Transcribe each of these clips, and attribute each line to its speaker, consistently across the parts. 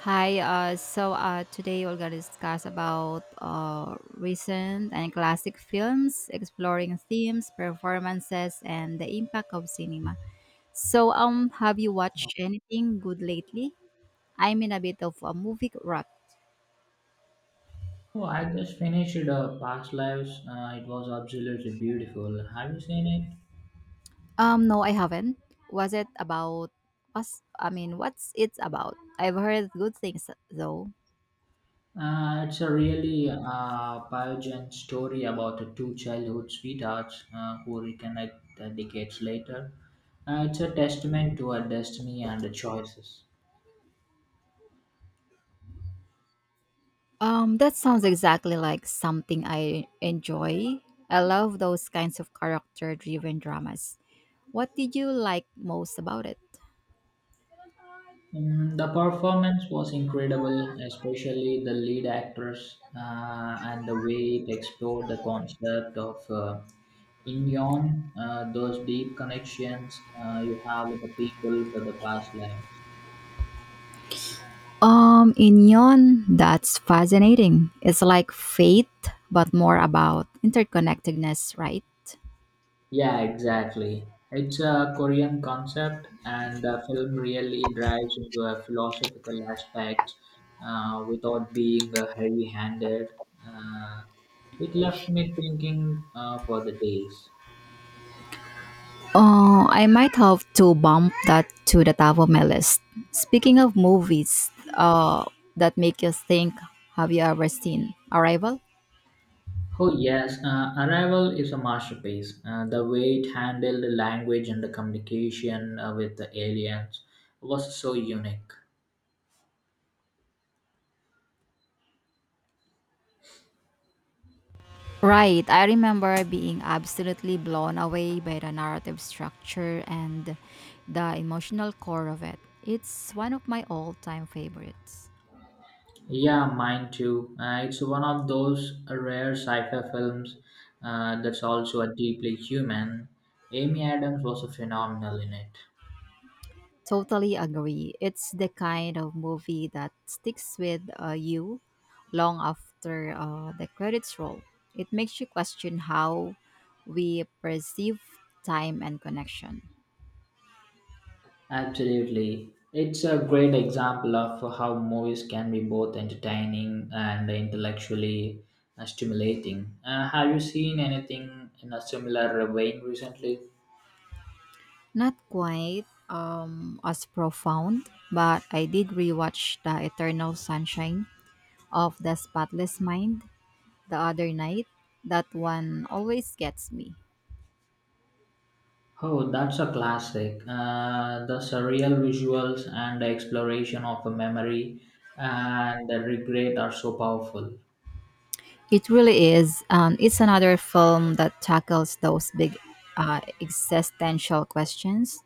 Speaker 1: Hi, today we're gonna discuss about recent and classic films, exploring themes, performances, and the impact of cinema. So, have you watched anything good lately? I'm in a bit of a movie rut.
Speaker 2: Oh, I just finished Past Lives. It was absolutely beautiful. Have you seen it?
Speaker 1: No, I haven't. Was it about? Was I mean, what's it about? I've heard good things though.
Speaker 2: It's a really poignant story about the two childhood sweethearts who reconnect decades later. It's a testament to our destiny and the choices.
Speaker 1: That sounds exactly like something I enjoy. I love those kinds of character-driven dramas. What did you like most about it?
Speaker 2: Mm, the performance was incredible, especially the lead actress and the way it explored the concept of In yon, those deep connections you have with the people for the past lives.
Speaker 1: Inyon, that's fascinating. It's like fate, but more about interconnectedness, right?
Speaker 2: Yeah, exactly. It's a Korean concept, and the film really drives into a philosophical aspect without being heavy handed. Uh, it left me thinking for the days.
Speaker 1: Oh, I might have to bump that to the top of my list. Speaking of movies, that make you think, have you ever seen Arrival?
Speaker 2: Oh, yes, Arrival is a masterpiece. The way it handled the language and the communication with the aliens was so unique.
Speaker 1: Right, I remember being absolutely blown away by the narrative structure and the emotional core of it. It's one of my all-time favorites.
Speaker 2: Yeah, mine too. It's one of those rare sci-fi films that's also a deeply human. Amy Adams was a phenomenal in it.
Speaker 1: Totally agree. It's the kind of movie that sticks with you long after the credits roll. It makes you question how we perceive time and connection.
Speaker 2: Absolutely. It's a great example of how movies can be both entertaining and intellectually stimulating. Have you seen anything in a similar vein recently?
Speaker 1: Not quite as profound, but I did rewatch The Eternal Sunshine of the Spotless Mind the other night. That one always gets me.
Speaker 2: Oh, that's a classic. The surreal visuals and the exploration of a memory and the regret are so powerful.
Speaker 1: It really is. It's another film that tackles those big existential questions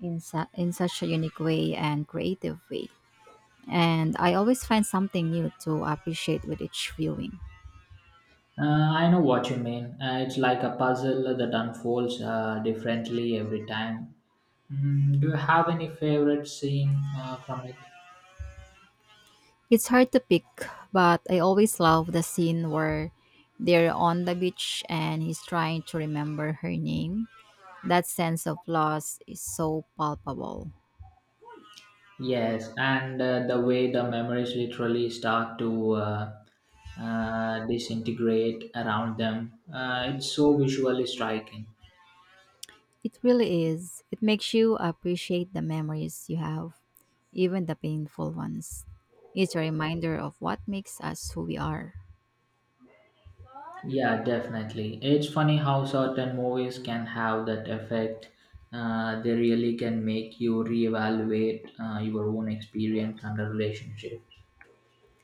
Speaker 1: in such a unique way and creative way. And I always find something new to appreciate with each viewing.
Speaker 2: I know what you mean. It's like a puzzle that unfolds differently every time. Mm, do you have any favorite scene from it?
Speaker 1: It's hard to pick, but I always love the scene where they're on the beach and he's trying to remember her name. That sense of loss is so palpable.
Speaker 2: Yes, and the way the memories literally start to disintegrate around them, it's so visually striking.
Speaker 1: It really is. It makes you appreciate the memories you have, even the painful ones. It's a reminder of what makes us who we are.
Speaker 2: Yeah, definitely. It's funny how certain movies can have that effect. They really can make you reevaluate your own experience and the relationship.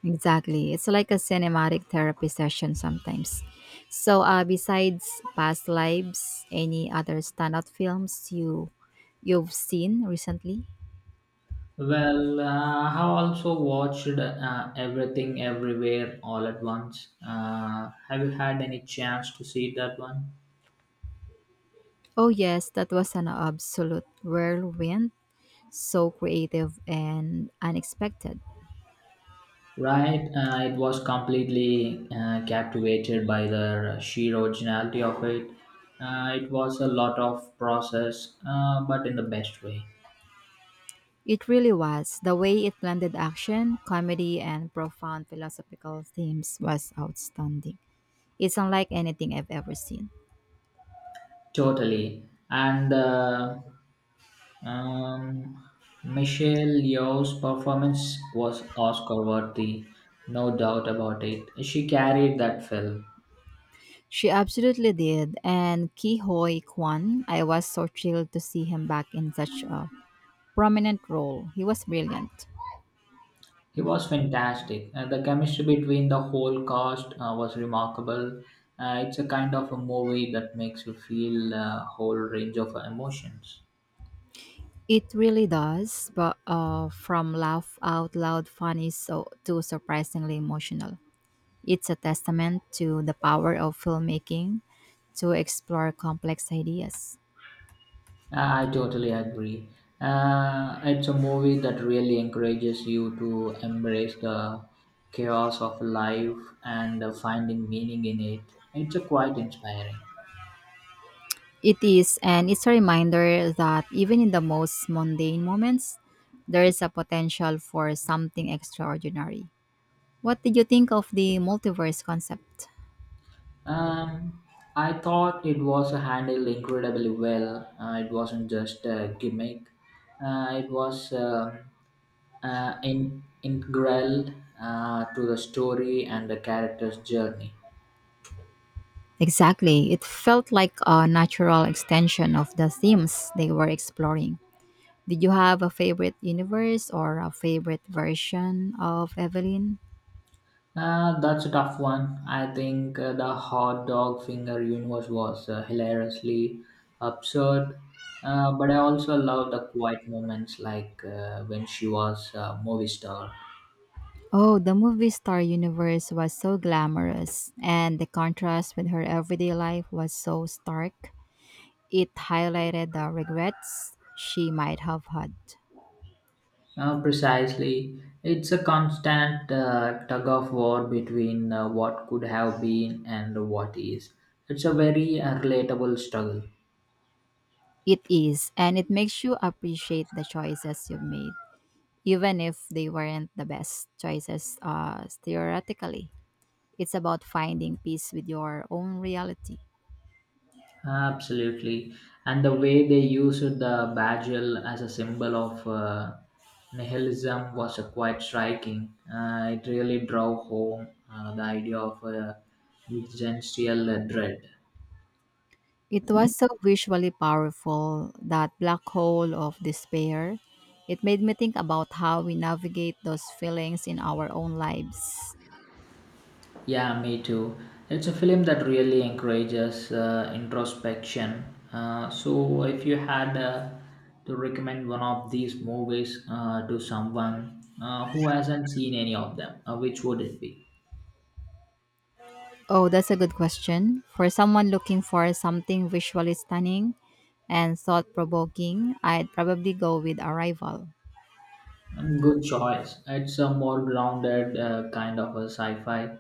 Speaker 1: Exactly. It's like a cinematic therapy session sometimes. So, besides Past Lives, any other standout films you've seen recently?
Speaker 2: Well, I also watched Everything Everywhere All at Once. Have you had any chance to see that one?
Speaker 1: Oh yes, that was an absolute whirlwind, so creative and unexpected.
Speaker 2: Right, it was completely captivated by the sheer originality of it. It was a lot of process, but in the best way.
Speaker 1: It really was. The way it blended action, comedy, and profound philosophical themes was outstanding. It's unlike anything I've ever seen.
Speaker 2: Totally. And um, Michelle Yeoh's performance was Oscar worthy, no doubt about it. She carried that film.
Speaker 1: She absolutely did. And Ki Hoi Kwan, I was so thrilled to see him back in such a prominent role. He was brilliant.
Speaker 2: He was fantastic, and the chemistry between the whole cast was remarkable. It's a kind of a movie that makes you feel a whole range of emotions.
Speaker 1: It really does, but from laugh out loud funny so to surprisingly emotional. It's a testament to the power of filmmaking to explore complex ideas.
Speaker 2: I totally agree. It's a movie that really encourages you to embrace the chaos of life and finding meaning in it. It's a quite inspiring.
Speaker 1: It is, and it's a reminder that even in the most mundane moments, there is a potential for something extraordinary. What did you think of the multiverse concept?
Speaker 2: Um, I thought it was handled incredibly well. It wasn't just a gimmick. It was integral to the story and the character's journey.
Speaker 1: Exactly. It felt like a natural extension of the themes they were exploring. Did you have a favorite universe or a favorite version of Evelyn?
Speaker 2: That's a tough one. I think the hot dog finger universe was hilariously absurd, but I also love the quiet moments like when she was a movie star.
Speaker 1: Oh, the movie star universe was so glamorous, and the contrast with her everyday life was so stark. It highlighted the regrets she might have had.
Speaker 2: Precisely, it's a constant tug of war between what could have been and what is. It's a very relatable struggle.
Speaker 1: It is, and it makes you appreciate the choices you've made, even if they weren't the best choices theoretically. It's about finding peace with your own reality.
Speaker 2: Absolutely. And the way they used the badger as a symbol of nihilism was quite striking. It really drove home the idea of existential dread.
Speaker 1: It was so visually powerful, that black hole of despair. It made me think about how we navigate those feelings in our own lives.
Speaker 2: Yeah, me too. It's a film that really encourages introspection. So, if you had to recommend one of these movies to someone who hasn't seen any of them, which would it be?
Speaker 1: Oh, that's a good question. For someone looking for something visually stunning and thought provoking, I'd probably go with Arrival.
Speaker 2: Good choice. It's a more grounded kind of a sci-fi,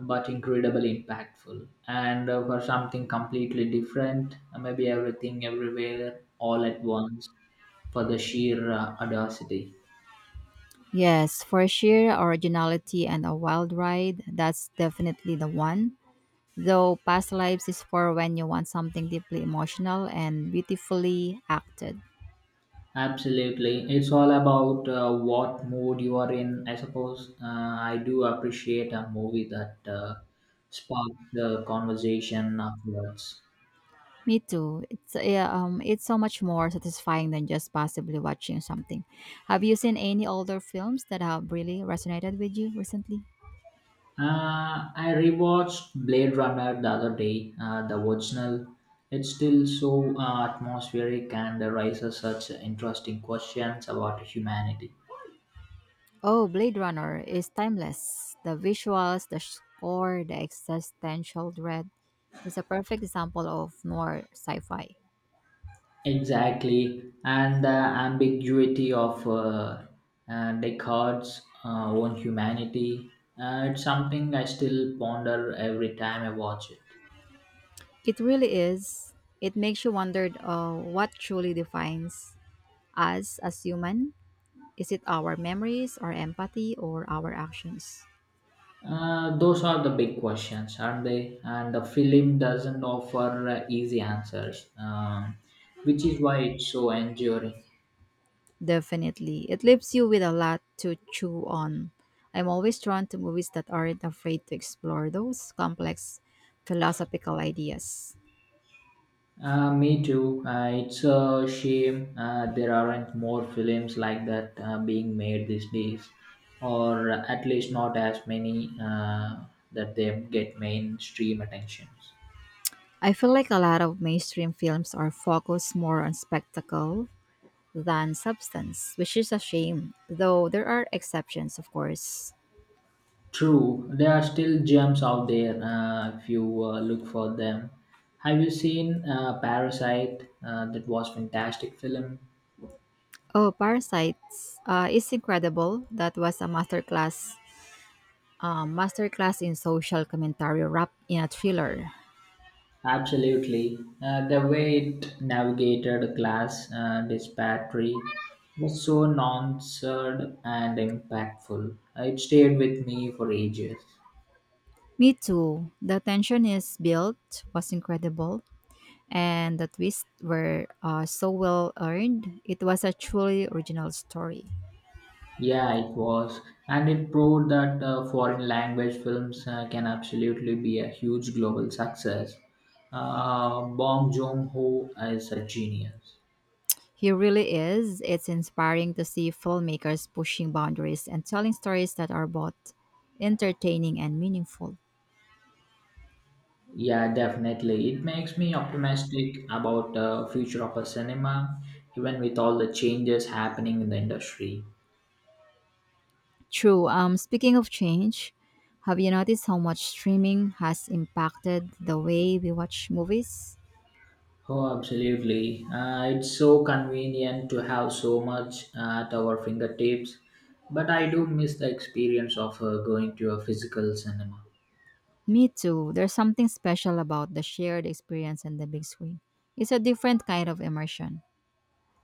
Speaker 2: but incredibly impactful. And for something completely different, maybe everything, everywhere, all at once, for the sheer audacity.
Speaker 1: Yes, for sheer originality and a wild ride, that's definitely the one. Though Past Lives is for when you want something deeply emotional and beautifully acted.
Speaker 2: Absolutely, it's all about what mood you are in. I suppose I do appreciate a movie that sparks the conversation afterwards.
Speaker 1: Me too. It's yeah, it's so much more satisfying than just passively watching something. Have you seen any older films that have really resonated with you recently?
Speaker 2: I rewatched Blade Runner the other day, the original. It's still so atmospheric and raises such interesting questions about humanity.
Speaker 1: Oh, Blade Runner is timeless. The visuals, the score, the existential dread. It's a perfect example of noir sci fi.
Speaker 2: Exactly, and the ambiguity of Descartes' own humanity. It's something I still ponder every time I watch it.
Speaker 1: It really is. It makes you wonder what truly defines us as human. Is it our memories, our empathy, or our actions?
Speaker 2: Those are the big questions, aren't they? And the film doesn't offer easy answers, which is why it's so enduring.
Speaker 1: Definitely. It leaves you with a lot to chew on. I'm always drawn to movies that aren't afraid to explore those complex philosophical ideas.
Speaker 2: Me too. It's a shame there aren't more films like that being made these days, or at least not as many that they get mainstream attentions.
Speaker 1: I feel like a lot of mainstream films are focused more on spectacle than substance, which is a shame, though there are exceptions, of course.
Speaker 2: True, there are still gems out there if you look for them. Have you seen Parasite? That was fantastic film.
Speaker 1: Oh, Parasites is incredible. That was a masterclass, masterclass in social commentary wrapped in a thriller.
Speaker 2: Absolutely, the way it navigated a class disparity was so nuanced and impactful. It stayed with me for ages.
Speaker 1: Me too. The tension is built was incredible, and the twists were so well earned. It was a truly original story.
Speaker 2: Yeah, it was. And it proved that foreign language films can absolutely be a huge global success. Bong Joon-ho is a genius.
Speaker 1: He really is. It's inspiring to see filmmakers pushing boundaries and telling stories that are both entertaining and meaningful.
Speaker 2: Yeah, definitely. It makes me optimistic about the future of a cinema, even with all the changes happening in the industry.
Speaker 1: True. Speaking of change, have you noticed how much streaming has impacted the way we watch movies?
Speaker 2: Oh, absolutely. It's so convenient to have so much at our fingertips, but I do miss the experience of going to a physical cinema.
Speaker 1: Me too. There's something special about the shared experience and the big screen. It's a different kind of immersion.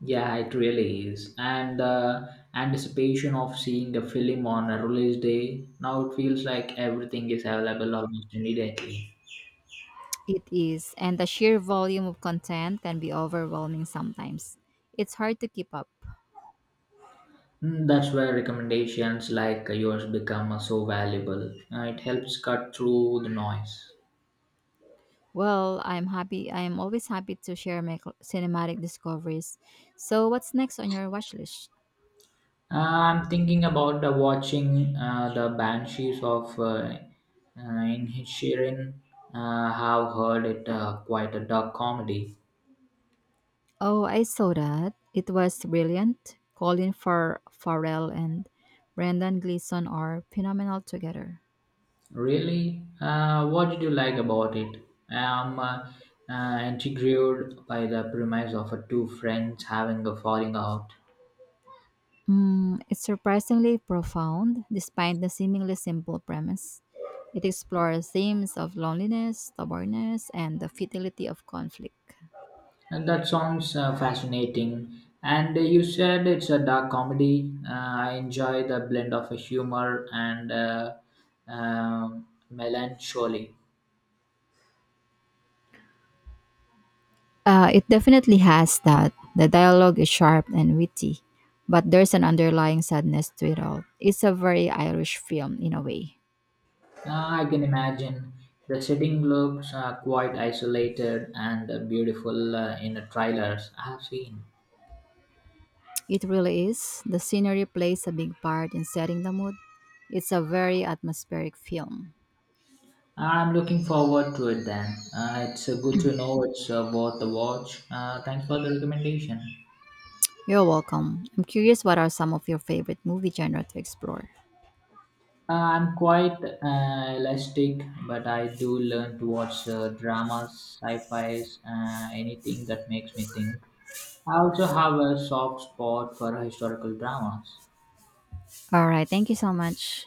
Speaker 2: Yeah, it really is. And anticipation of seeing a film on a release day, now it feels like everything is available almost immediately.
Speaker 1: It is, and the sheer volume of content can be overwhelming sometimes. It's hard to keep up.
Speaker 2: Mm, that's where recommendations like yours become so valuable. It helps cut through the noise.
Speaker 1: Well, I'm happy. I am always happy to share my cinematic discoveries. So, what's next on your watch list?
Speaker 2: I'm thinking about watching the Banshees of Inisherin. Have heard it quite a dark comedy.
Speaker 1: Oh, I saw that. It was brilliant. Colin Farrell and Brendan Gleeson are phenomenal together.
Speaker 2: Really? What did you like about it? I'm intrigued by the premise of two friends having a falling out.
Speaker 1: Mm, it's surprisingly profound, despite the seemingly simple premise. It explores themes of loneliness, stubbornness, and the futility of conflict.
Speaker 2: And that sounds fascinating. And you said it's a dark comedy. I enjoy the blend of humor and melancholy.
Speaker 1: It definitely has that. The dialogue is sharp and witty, but there's an underlying sadness to it all. It's a very Irish film in a way.
Speaker 2: Uh, I can imagine the setting looks quite isolated and beautiful in the trailers I have seen.
Speaker 1: It really is. The scenery plays a big part in setting the mood. It's a very atmospheric film.
Speaker 2: I'm looking forward to it then. It's good to know it's worth the watch. Thanks for the recommendation.
Speaker 1: You're welcome. I'm curious what are some of your favorite movie genre to explore.
Speaker 2: I'm quite elastic, but I do learn to watch dramas, sci-fis, anything that makes me think. I also have a soft spot for historical dramas.
Speaker 1: All right, thank you so much.